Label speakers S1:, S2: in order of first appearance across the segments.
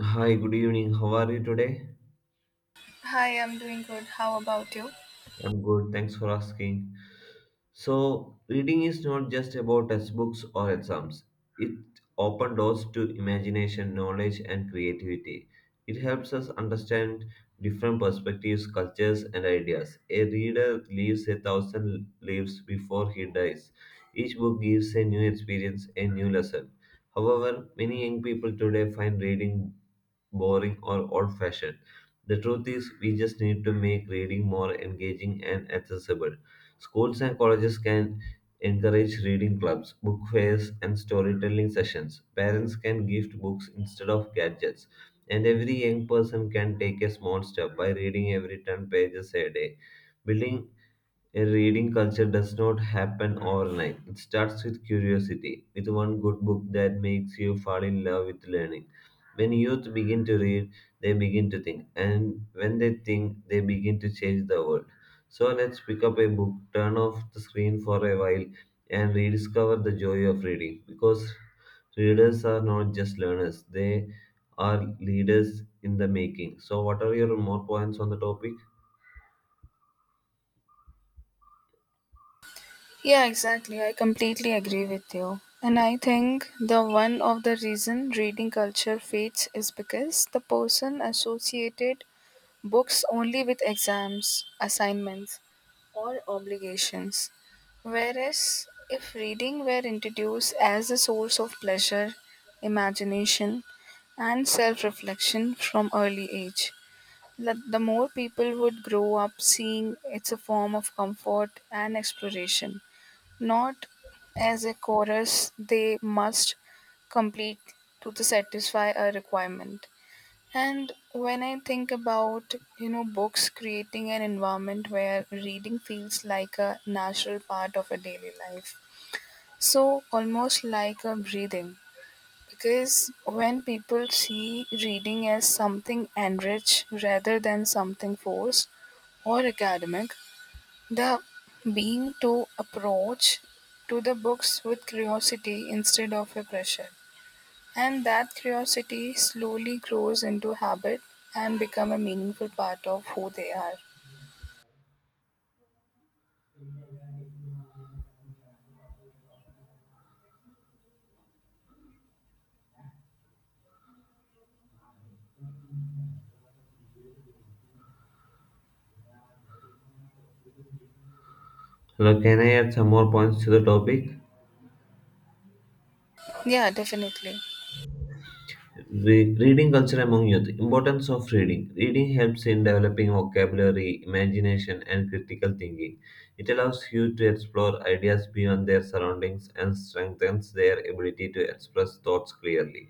S1: Hi, good evening. How are you today?
S2: Hi, I'm doing good. How about you?
S1: I'm good. Thanks for asking. So, reading is not just about textbooks or exams. It opens doors to imagination, knowledge, and creativity. It helps us understand different perspectives, cultures, and ideas. A reader lives a thousand lives before he dies. Each book gives a new experience, a new lesson. However, many young people today find reading boring, or old fashioned. The truth is, we just need to make reading more engaging and accessible. Schools and colleges can encourage reading clubs, book fairs, and storytelling sessions. Parents can gift books instead of gadgets. And every young person can take a small step by reading every 10 pages a day. Building a reading culture does not happen overnight. It starts with curiosity, with one good book that makes you fall in love with learning. When youth begin to read, they begin to think, and when they think, they begin to change the world. So let's pick up a book, turn off the screen for a while, and rediscover the joy of reading. Because readers are not just learners, they are leaders in the making. So, what are your more points on the topic?
S2: Yeah, exactly. I completely agree with you. And I think the one of the reason reading culture fades is because the person associated books only with exams, assignments, or obligations. Whereas if reading were introduced as a source of pleasure, imagination, and self reflection from early age, that the more people would grow up seeing it's a form of comfort and exploration, not as a chorus they must complete to the satisfy a requirement. And when I think about books creating an environment where reading feels like a natural part of a daily life, so almost like a breathing. Because when people see reading as something enriched rather than something forced, or academic, the being to approach to the books with curiosity instead of a pressure. And that curiosity slowly grows into habit and become a meaningful part of who they are.
S1: Hello, can I add some more points to the topic?
S2: Yeah, definitely.
S1: Reading culture among youth. Importance of reading. Reading helps in developing vocabulary, imagination, and critical thinking. It allows youth to explore ideas beyond their surroundings and strengthens their ability to express thoughts clearly.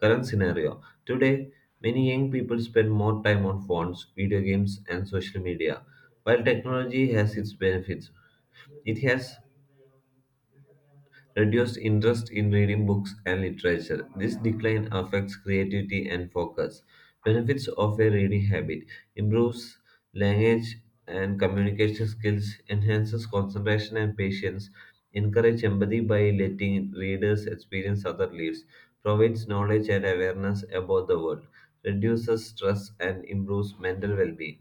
S1: Current scenario. Today, many young people spend more time on phones, video games, and social media. While technology has its benefits, it has reduced interest in reading books and literature. This decline affects creativity and focus. Benefits of a reading habit improves language and communication skills, enhances concentration and patience, encourage empathy by letting readers experience other lives, provides knowledge and awareness about the world, reduces stress and improves mental well-being.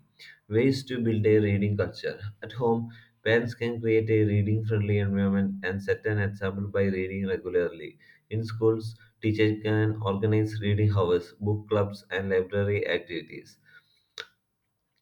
S1: Ways to build a reading culture. At home, parents can create a reading friendly environment and set an example by reading regularly. In schools, teachers can organize reading hours, book clubs, and library activities.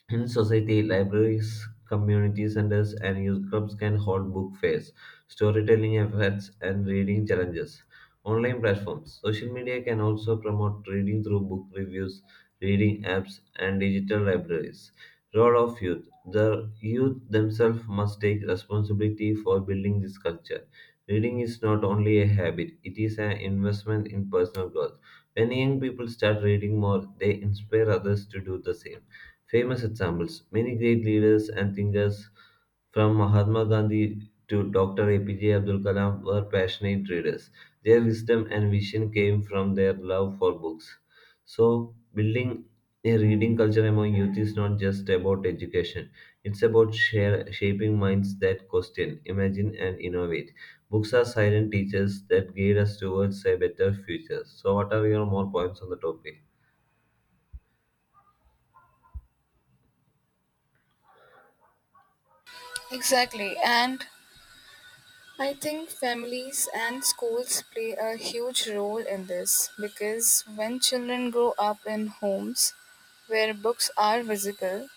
S1: In society, libraries, community centers, and youth clubs can hold book fairs, storytelling events, and reading challenges. Online platforms, social media can also promote reading through book reviews, reading apps, and digital libraries. Role of youth. The youth themselves must take responsibility for building this culture. Reading is not only a habit, it is an investment in personal growth. When young people start reading more, they inspire others to do the same. Famous examples. Many great leaders and thinkers, from Mahatma Gandhi to Dr. APJ Abdul Kalam, were passionate readers. Their wisdom and vision came from their love for books. So, building a reading culture among youth is not just about education, it's about shaping minds that question, imagine, and innovate. Books are silent teachers that guide us towards a better future. So, what are your more points on the topic?
S2: Exactly. And I think families and schools play a huge role in this because when children grow up in homes where books are visible,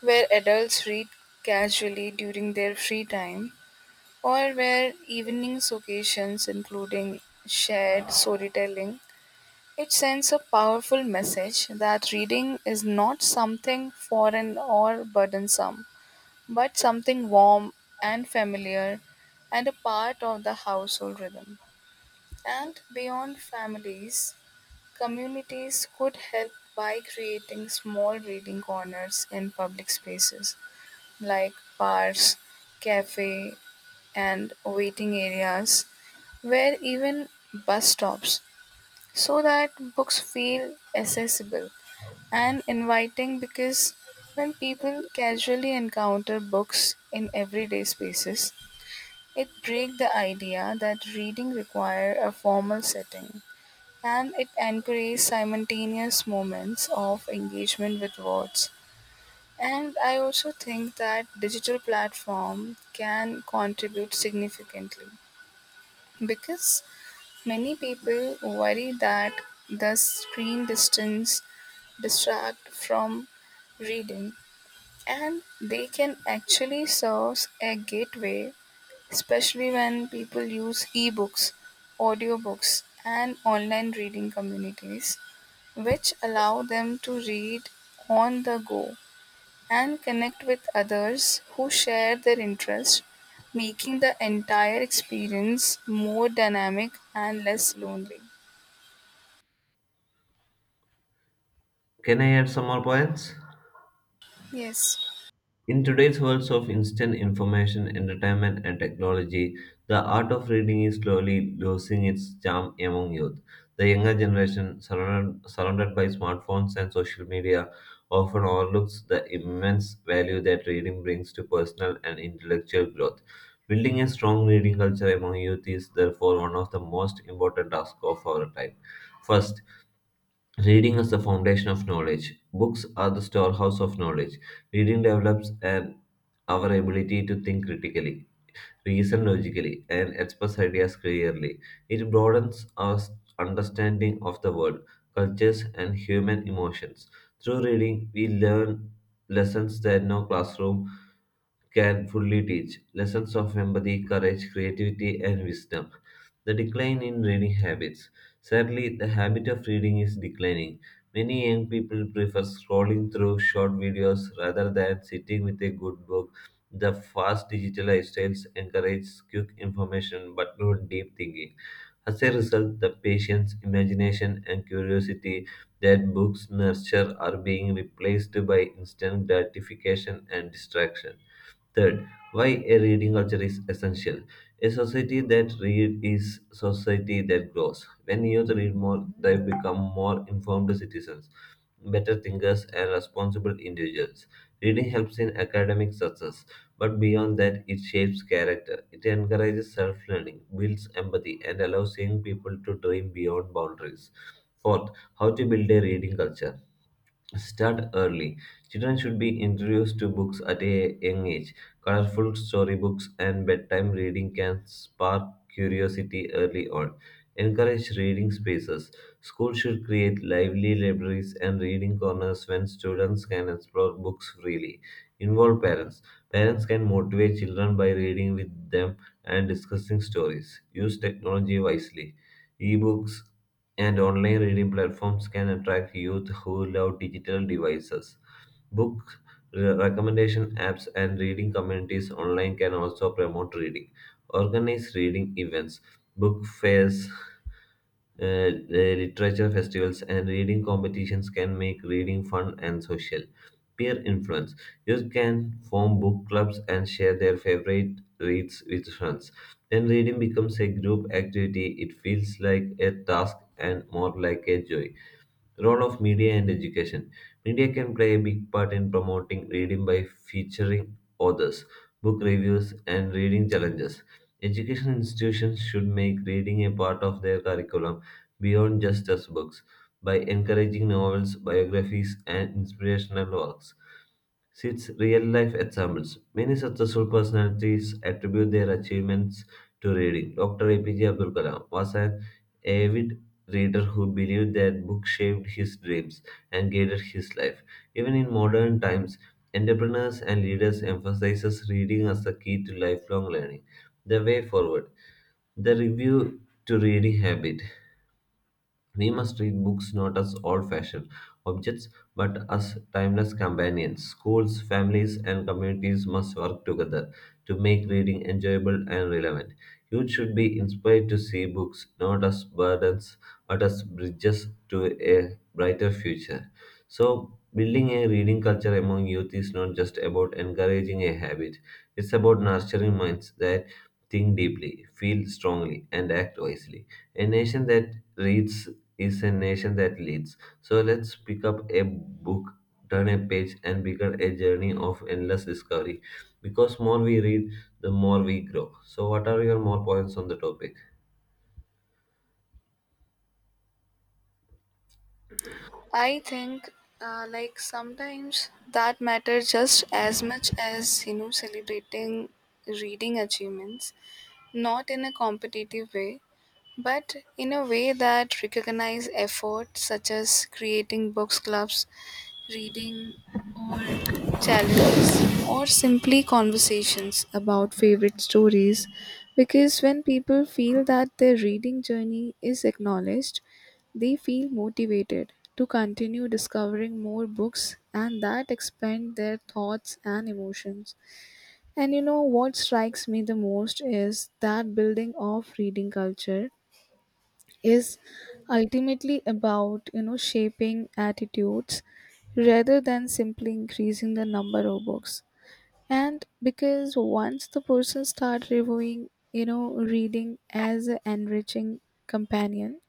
S2: where adults read casually during their free time, or where evening occasions including shared storytelling. It sends a powerful message that reading is not something foreign or burdensome, but something warm and familiar and a part of the household rhythm. And beyond families, communities could help by creating small reading corners in public spaces like bars, cafe, and waiting areas, where even bus stops, so that books feel accessible and inviting because when people casually encounter books in everyday spaces, it breaks the idea that reading requires a formal setting and it encourages simultaneous moments of engagement with words. And I also think that digital platform can contribute significantly because many people worry that the screen distance distract from reading and they can actually serve a gateway especially when people use ebooks audiobooks and online reading communities which allow them to read on the go and connect with others who share their interests, making the entire experience more dynamic and less lonely.
S1: Can I add some more points?
S2: Yes,
S1: In today's world of instant information, entertainment, and technology, the art of reading is slowly losing its charm among youth. The younger generation, surrounded by smartphones and social media, often overlooks the immense value that reading brings to personal and intellectual growth. Building a strong reading culture among youth is therefore one of the most important tasks of our time. First, reading is the foundation of knowledge. Books are the storehouse of knowledge. Reading develops our ability to think critically, reason logically, and express ideas clearly. It broadens our understanding of the world, cultures, and human emotions. Through reading, we learn lessons that no classroom can fully teach lessons of empathy, courage, creativity, and wisdom. The decline in reading habits. Sadly, the habit of reading is declining. Many young people prefer scrolling through short videos rather than sitting with a good book. The fast digital lifestyles encourage quick information but not deep thinking. As a result, the patience, imagination, and curiosity that books nurture are being replaced by instant gratification and distraction. Third, why a reading culture is essential. A society that reads is society that grows. When youth read more, they become more informed citizens, better thinkers, and responsible individuals. Reading helps in academic success, but beyond that, it shapes character. It encourages self-learning, builds empathy, and allows young people to dream beyond boundaries. Fourth, how to build a reading culture. Start early. Children should be introduced to books at a young age. Colorful storybooks and bedtime reading can spark curiosity early on. Encourage reading spaces. Schools should create lively libraries and reading corners when students can explore books freely. Involve parents. Parents can motivate children by reading with them and discussing stories. Use technology wisely. Ebooks and online reading platforms can attract youth who love digital devices. Book recommendation apps and reading communities online can also promote reading. Organize reading events, book fairs, literature festivals, and reading competitions can make reading fun and social. Peer influence. Youth can form book clubs and share their favorite reads with friends. When reading becomes a group activity, it feels like a task and more like a joy. Role of media and education. Media can play a big part in promoting reading by featuring authors, book reviews, and reading challenges. Education institutions should make reading a part of their curriculum beyond just textbooks by encouraging novels, biographies, and inspirational works. Since real life examples, many successful personalities attribute their achievements to reading. Dr. APJ Abdul Kalam was an avid reader who believed that books shaped his dreams and guided his life. Even in modern times, entrepreneurs and leaders emphasize reading as the key to lifelong learning. The way forward. The review to reading habit. We must read books not as old fashioned objects but as timeless companions. Schools, families, and communities must work together to make reading enjoyable and relevant. Youth should be inspired to see books not as burdens but as bridges to a brighter future. So, building a reading culture among youth is not just about encouraging a habit, it's about nurturing minds that think deeply, feel strongly, and act wisely. A nation that reads is a nation that leads. So let's pick up a book, turn a page, and begin a journey of endless discovery. Because more we read, the more we grow. So, what are your more points on the topic?
S2: I think like sometimes that matters just as much as celebrating reading achievements, not in a competitive way, but in a way that recognize effort such as creating books clubs reading or challenges or simply conversations about favorite stories because when people feel that their reading journey is acknowledged they feel motivated to continue discovering more books and that expand their thoughts and emotions and what strikes me the most is that building of reading culture is ultimately about shaping attitudes rather than simply increasing the number of books and because once the person start reviewing reading as an enriching companion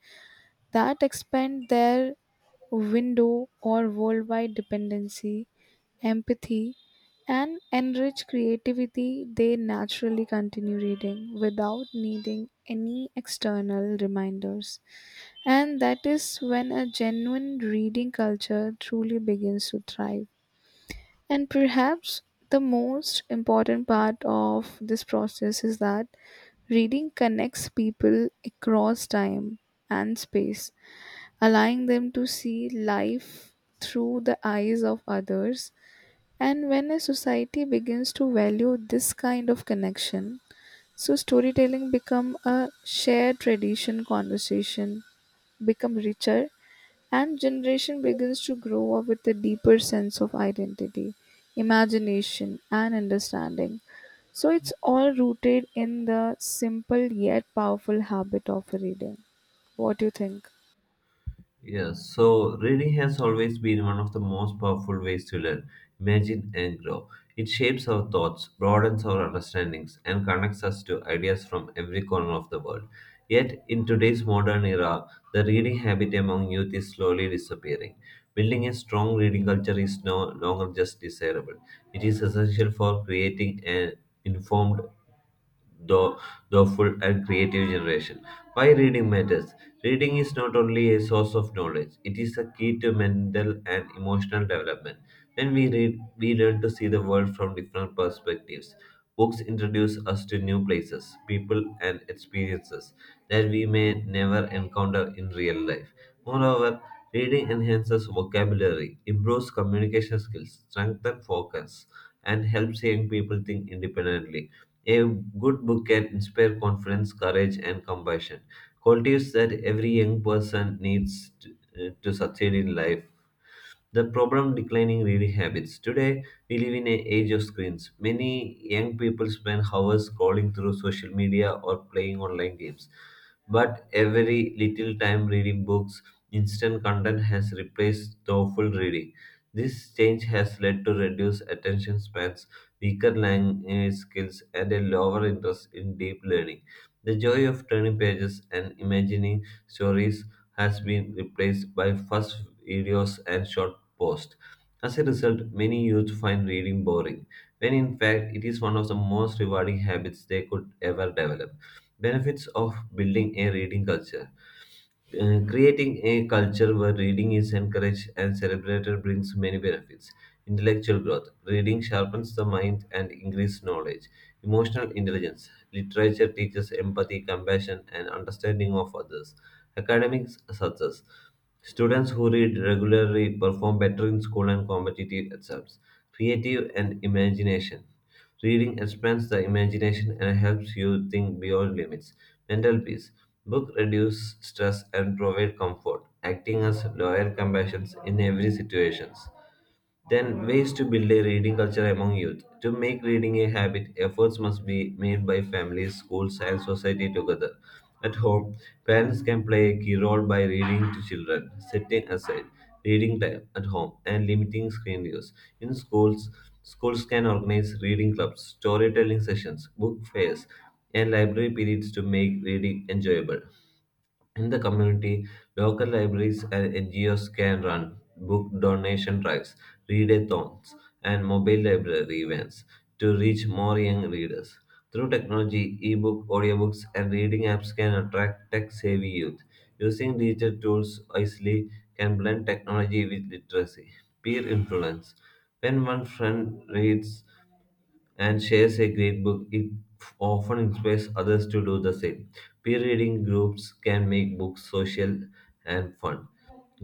S2: that expand their window or worldwide dependency empathy and enrich creativity they naturally continue reading without needing any external reminders and that is when a genuine reading culture truly begins to thrive. And perhaps the most important part of this process is that reading connects people across time and space, allowing them to see life through the eyes of others. And when a society begins to value this kind of connection, so storytelling become a shared tradition conversation become richer and generation begins to grow up with a deeper sense of identity, imagination, and understanding. So it's all rooted in the simple yet powerful habit of reading. What do you think?
S1: Yes, so reading has always been one of the most powerful ways to learn, imagine, and grow. It shapes our thoughts, broadens our understandings, and connects us to ideas from every corner of the world. Yet, in today's modern era, the reading habit among youth is slowly disappearing. Building a strong reading culture is no longer just desirable, it is essential for creating an informed though, thoughtful, and creative generation. Why reading matters? Reading is not only a source of knowledge, it is a key to mental and emotional development. When we read, we learn to see the world from different perspectives. Books introduce us to new places, people, and experiences that we may never encounter in real life. Moreover, reading enhances vocabulary, improves communication skills, strengthens focus, and helps young people think independently. A good book can inspire confidence, courage, and compassion, qualities that every young person needs to succeed in life. The problem declining reading habits. Today, we live in an age of screens. Many young people spend hours scrolling through social media or playing online games. But every little time reading books, instant content has replaced thoughtful reading. This change has led to reduced attention spans, weaker language skills, and a lower interest in deep learning. The joy of turning pages and imagining stories has been replaced by fast videos and short post. As a result, many youth find reading boring, when in fact it is one of the most rewarding habits they could ever develop. Benefits of building a reading culture. Creating a culture where reading is encouraged and celebrated brings many benefits. Intellectual growth. Reading sharpens the mind and increases knowledge. Emotional intelligence. Literature teaches empathy, compassion, and understanding of others. Academic success. Students who read regularly perform better in school and competitive exams. Creative and imagination. Reading expands the imagination and helps you think beyond limits. Mental peace. Book reduce stress and provide comfort, acting as loyal companions in every situations. Then, ways to build a reading culture among youth. To make reading a habit, efforts must be made by families, schools, and society together. At home, parents can play a key role by reading to children, setting aside reading time at home, and limiting screen use. In schools, schools can organize reading clubs, storytelling sessions, book fairs, and library periods to make reading enjoyable. In the community, local libraries and NGOs can run book donation drives, readathons, and mobile library events to reach more young readers. Through technology, e-book, audiobooks, and reading apps can attract tech-savvy youth. Using digital tools wisely can blend technology with literacy. Peer influence. When one friend reads and shares a great book, it often inspires others to do the same. Peer reading groups can make books social and fun.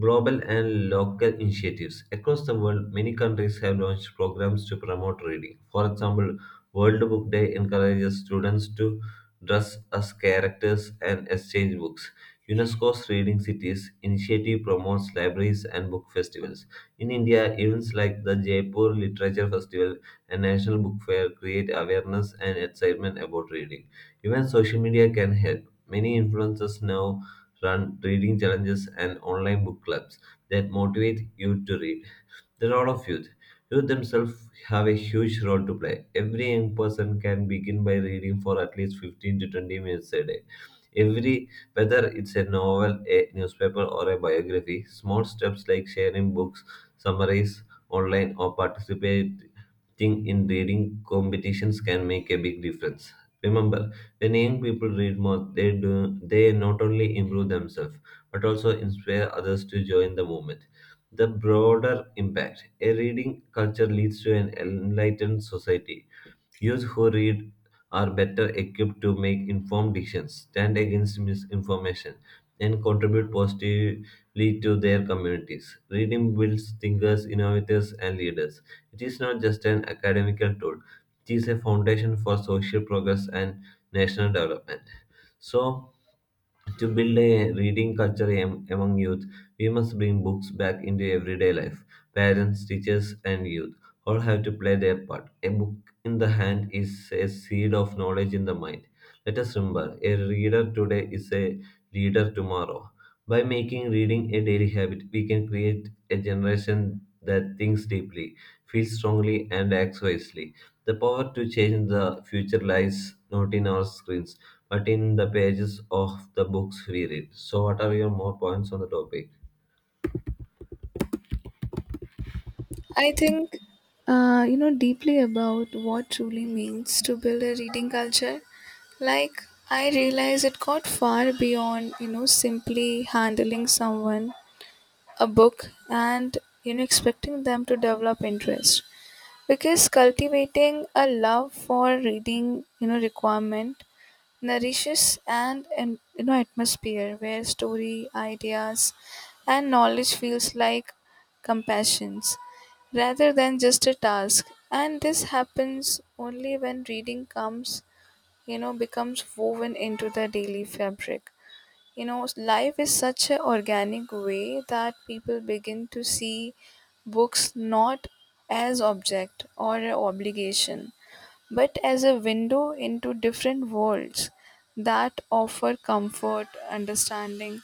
S1: Global and local initiatives. Across the world, many countries have launched programs to promote reading. For example, World Book Day encourages students to dress as characters and exchange books. UNESCO's Reading Cities initiative promotes libraries and book festivals. In India, events like the Jaipur Literature Festival and National Book Fair create awareness and excitement about reading. Even social media can help. Many influencers now run reading challenges and online book clubs that motivate you to read. The role of youth. Youth themselves have a huge role to play. Every young person can begin by reading for at least 15 to 20 minutes a day. Every, whether it's a novel, a newspaper, or a biography, small steps like sharing books, summaries online, or participate Thing in reading competitions can make a big difference. Remember, when young people read more, they not only improve themselves but also inspire others to join the movement. The broader impact, a reading culture leads to an enlightened society. Youth who read are better equipped to make informed decisions, stand against misinformation, and contribute positively to their communities. Reading builds thinkers, innovators, and leaders. It is not just an academical tool, it is a foundation for social progress and national development. So, to build a reading culture among youth, we must bring books back into everyday life. Parents, teachers, and youth all have to play their part. A book in the hand is a seed of knowledge in the mind. Let us remember, a reader today is a leader tomorrow. By making reading a daily habit, we can create a generation that thinks deeply, feels strongly, and acts wisely. The power to change the future lies not in our screens but in the pages of the books we read. So, what are your more points on the topic?
S2: I think you know deeply about what truly means to build a reading culture. Like I realize it got far beyond simply handling someone a book and expecting them to develop interest. Because cultivating a love for reading requirement nourishes and atmosphere where story ideas and knowledge feels like compassions rather than just a task and this happens only when reading comes becomes woven into the daily fabric life is such an organic way that people begin to see books not as object or an obligation but as a window into different worlds that offer comfort understanding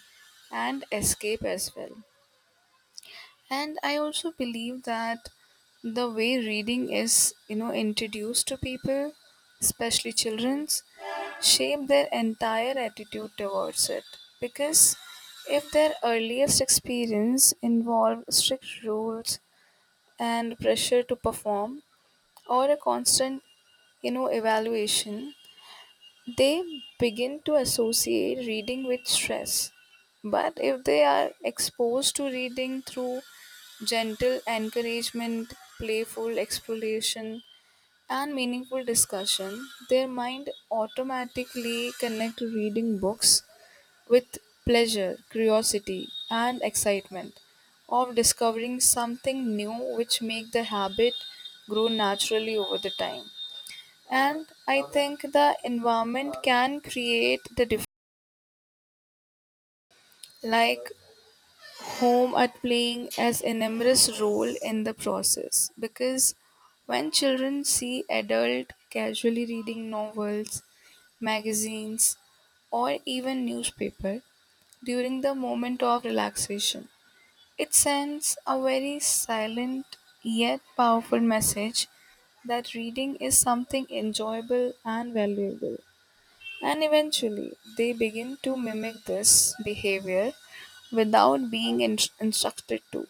S2: and escape as well and I also believe that the way reading is, introduced to people, especially children's, shape their entire attitude towards it. Because if their earliest experience involved strict rules and pressure to perform or a constant, evaluation, they begin to associate reading with stress. But if they are exposed to reading through gentle encouragement, playful exploration, and meaningful discussion, their mind automatically connect reading books with pleasure, curiosity, and excitement of discovering something new which make the habit grow naturally over the time and I think the environment can create the difference like home at playing as an enormous role in the process because when children see adult casually reading novels magazines or even newspaper during the moment of relaxation it sends a very silent yet powerful message that reading is something enjoyable and valuable. And eventually, they begin to mimic this behavior without being instructed to,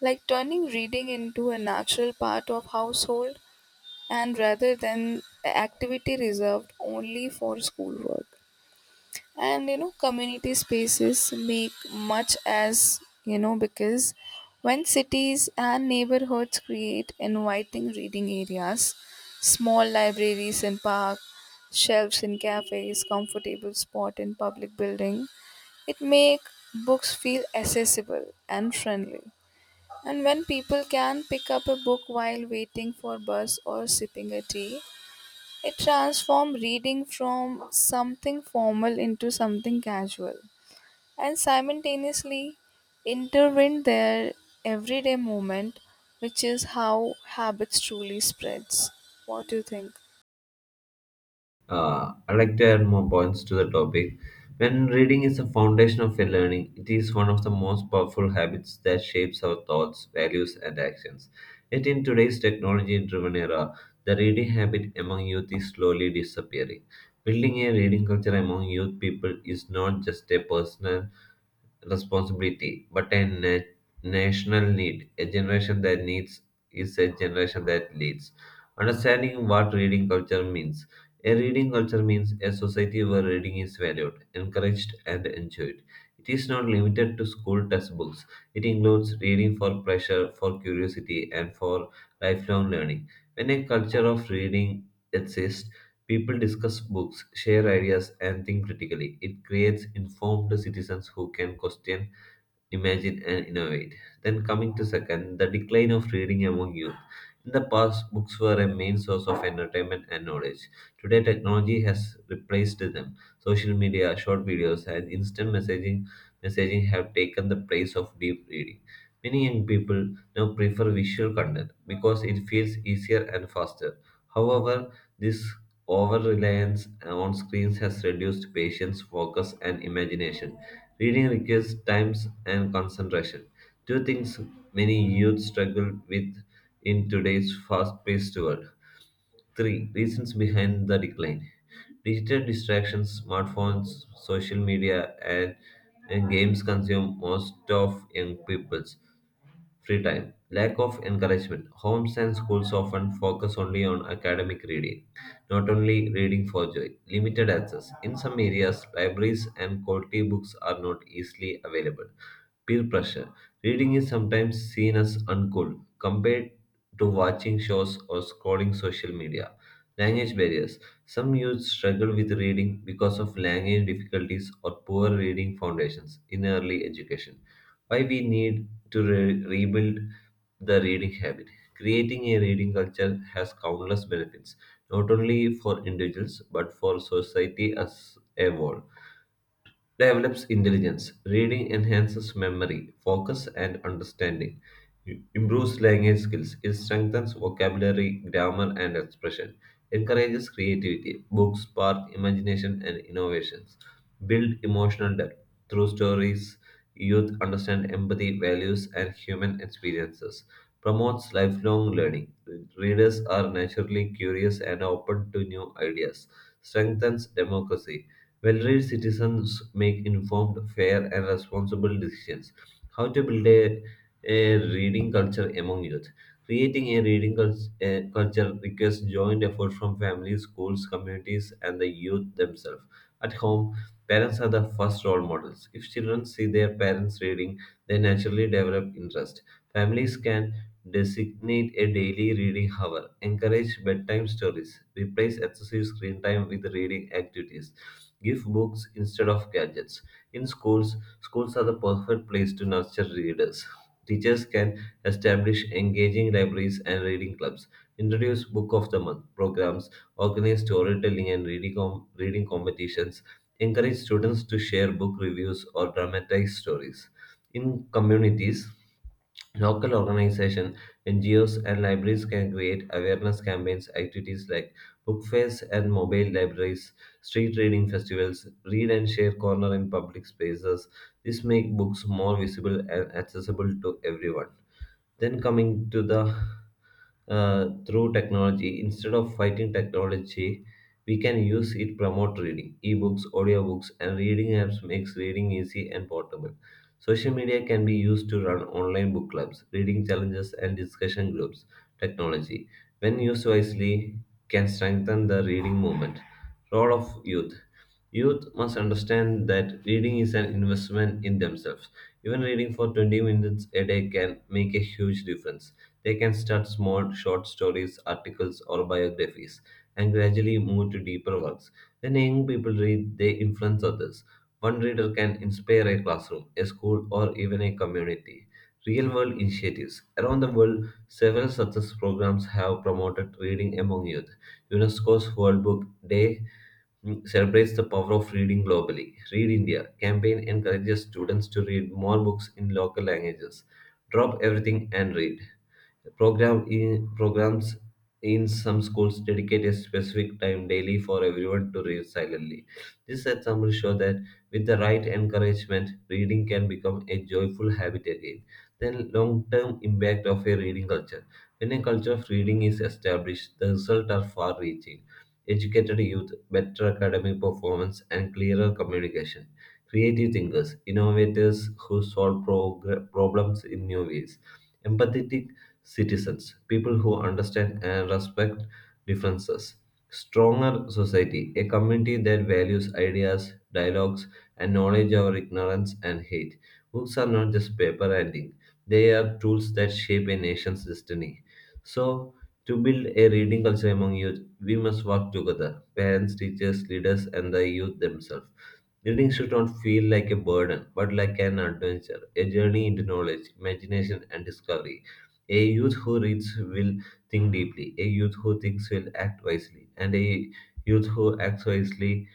S2: like turning reading into a natural part of household and rather than an activity reserved only for schoolwork and community spaces make much as because when cities and neighborhoods create inviting reading areas small libraries in park shelves in cafes comfortable spot in public building it make books feel accessible and friendly and when people can pick up a book while waiting for bus or sipping a tea it transformed reading from something formal into something casual and simultaneously intervened their everyday moment, which is how habits truly spreads. What do you think?
S1: I'd like to add more points to the topic. When reading is the foundation of a learning, it is one of the most powerful habits that shapes our thoughts, values, and actions. Yet in today's technology-driven era, the reading habit among youth is slowly disappearing. Building a reading culture among youth people is not just a personal responsibility, but a national need. A generation that needs is a generation that leads. Understanding what reading culture means, a reading culture means a society where reading is valued, encouraged, and enjoyed. It is not limited to school textbooks. It includes reading for pleasure, for curiosity, and for lifelong learning. When a culture of reading exists, people discuss books, share ideas, and think critically. It creates informed citizens who can question, imagine, and innovate. Then, coming to second, the decline of reading among youth. In the past, books were a main source of entertainment and knowledge. Today, technology has replaced them. Social media, short videos, and instant messaging have taken the place of deep reading. Many young people now prefer visual content because it feels easier and faster. However, this over reliance on screens has reduced patience, focus, and imagination. Reading requires time and concentration. Two things many youth struggle with in today's fast paced world. Three reasons behind the decline: digital distractions, smartphones, social media, and games consume most of young people's free time. Lack of encouragement. Homes and schools often focus only on academic reading, not only reading for joy. Limited access. In some areas, libraries and quality books are not easily available. Peer pressure. Reading is sometimes seen as uncool compared to watching shows or scrolling social media. Language barriers. Some youth struggle with reading because of language difficulties or poor reading foundations in early education. Why we need to rebuild the reading habit. Creating a reading culture has countless benefits, not only for individuals but for society as a whole. Develops intelligence. Reading enhances memory, focus, and understanding. It improves language skills. It strengthens vocabulary, grammar, and expression. Encourages creativity. Books spark imagination and innovations. Build emotional depth through stories. Youth understand empathy, values, and human experiences. Promotes lifelong learning. Readers are naturally curious and open to new ideas. Strengthens democracy. Well read citizens make informed, fair, and responsible decisions. How to build a reading culture among youth. Creating a a culture requires joint effort from families, schools, communities, and the youth themselves. At home, parents are the first role models. If children see their parents reading, they naturally develop interest. Families can designate a daily reading hour, encourage bedtime stories, replace excessive screen time with reading activities, give books instead of gadgets. In schools, schools are the perfect place to nurture readers. Teachers can establish engaging libraries and reading clubs, introduce book of the month programs, organize storytelling and reading, reading competitions, encourage students to share book reviews or dramatize stories. In communities, local organizations, NGOs, and libraries can create awareness campaigns, activities like book fairs and mobile libraries, street reading festivals, read and share corner in public spaces. This make books more visible and accessible to everyone. Then coming to the, through technology, instead of fighting technology, we can use it promote reading. Ebooks, audiobooks, and reading apps makes reading easy and portable. Social media can be used to run online book clubs, reading challenges, and discussion groups. Technology, when used wisely, can strengthen the reading movement. Role of youth. Youth must understand that reading is an investment in themselves. Even reading for 20 minutes a day can make a huge difference. They can start small, short stories, articles, or biographies, and gradually move to deeper works. When young people read, they influence others. One reader can inspire a classroom, a school, or even a community. Real world initiatives. Around the world, several success programs have promoted reading among youth. UNESCO's World Book Day celebrates the power of reading globally. Read India campaign encourages students to read more books in local languages. Drop everything and read. Program in, programs in some schools dedicate a specific time daily for everyone to read silently. This example shows that with the right encouragement, reading can become a joyful habit again. Then, long-term impact of a reading culture. When a culture of reading is established, the results are far-reaching. Educated youth, better academic performance, and clearer communication. Creative thinkers, innovators who solve problems in new ways. Empathetic citizens, people who understand and respect differences. Stronger society, a community that values ideas, dialogues, and knowledge over ignorance and hate. Books are not just paper and ink, they are tools that shape a nation's destiny. So, to build a reading culture among youth, we must work together parents, teachers, leaders, and the youth themselves. Reading should not feel like a burden, but like an adventure, a journey into knowledge, imagination, and discovery. A youth who reads will think deeply, a youth who thinks will act wisely, and a youth who acts wisely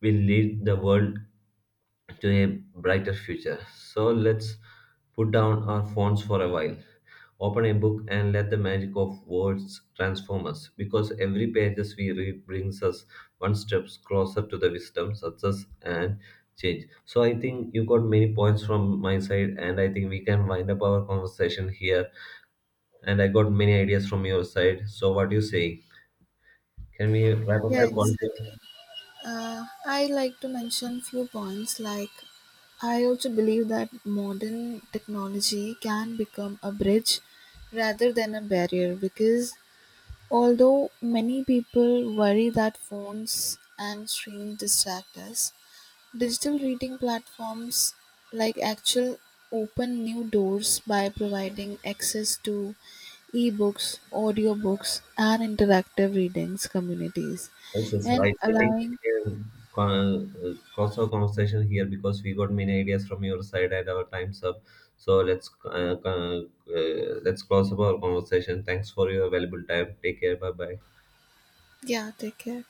S1: will lead the world to a brighter future. So let's put down our phones for a while. Open a book and let the magic of words transform us, because every pages we read brings us one step closer to the wisdom, success, and change. So I think you got many points from my side, and I think we can wind up our conversation here. And I got many ideas from your side. So what do you say? Can we wrap up
S2: Yeah,
S1: the call?
S2: exactly. I like to mention few points like I also believe that modern technology can become a bridge rather than a barrier because although many people worry that phones and screens distract us, digital reading platforms like Actual open new doors by providing access to ebooks, audiobooks, and interactive readings communities
S1: Yes, yes,
S2: and
S1: right. I think we
S2: allowing.
S1: can close our conversation here because we got many ideas from your side and our time's up. So let's let's close up our conversation. Thanks for your valuable time. Take care. Bye bye.
S2: Yeah, take care.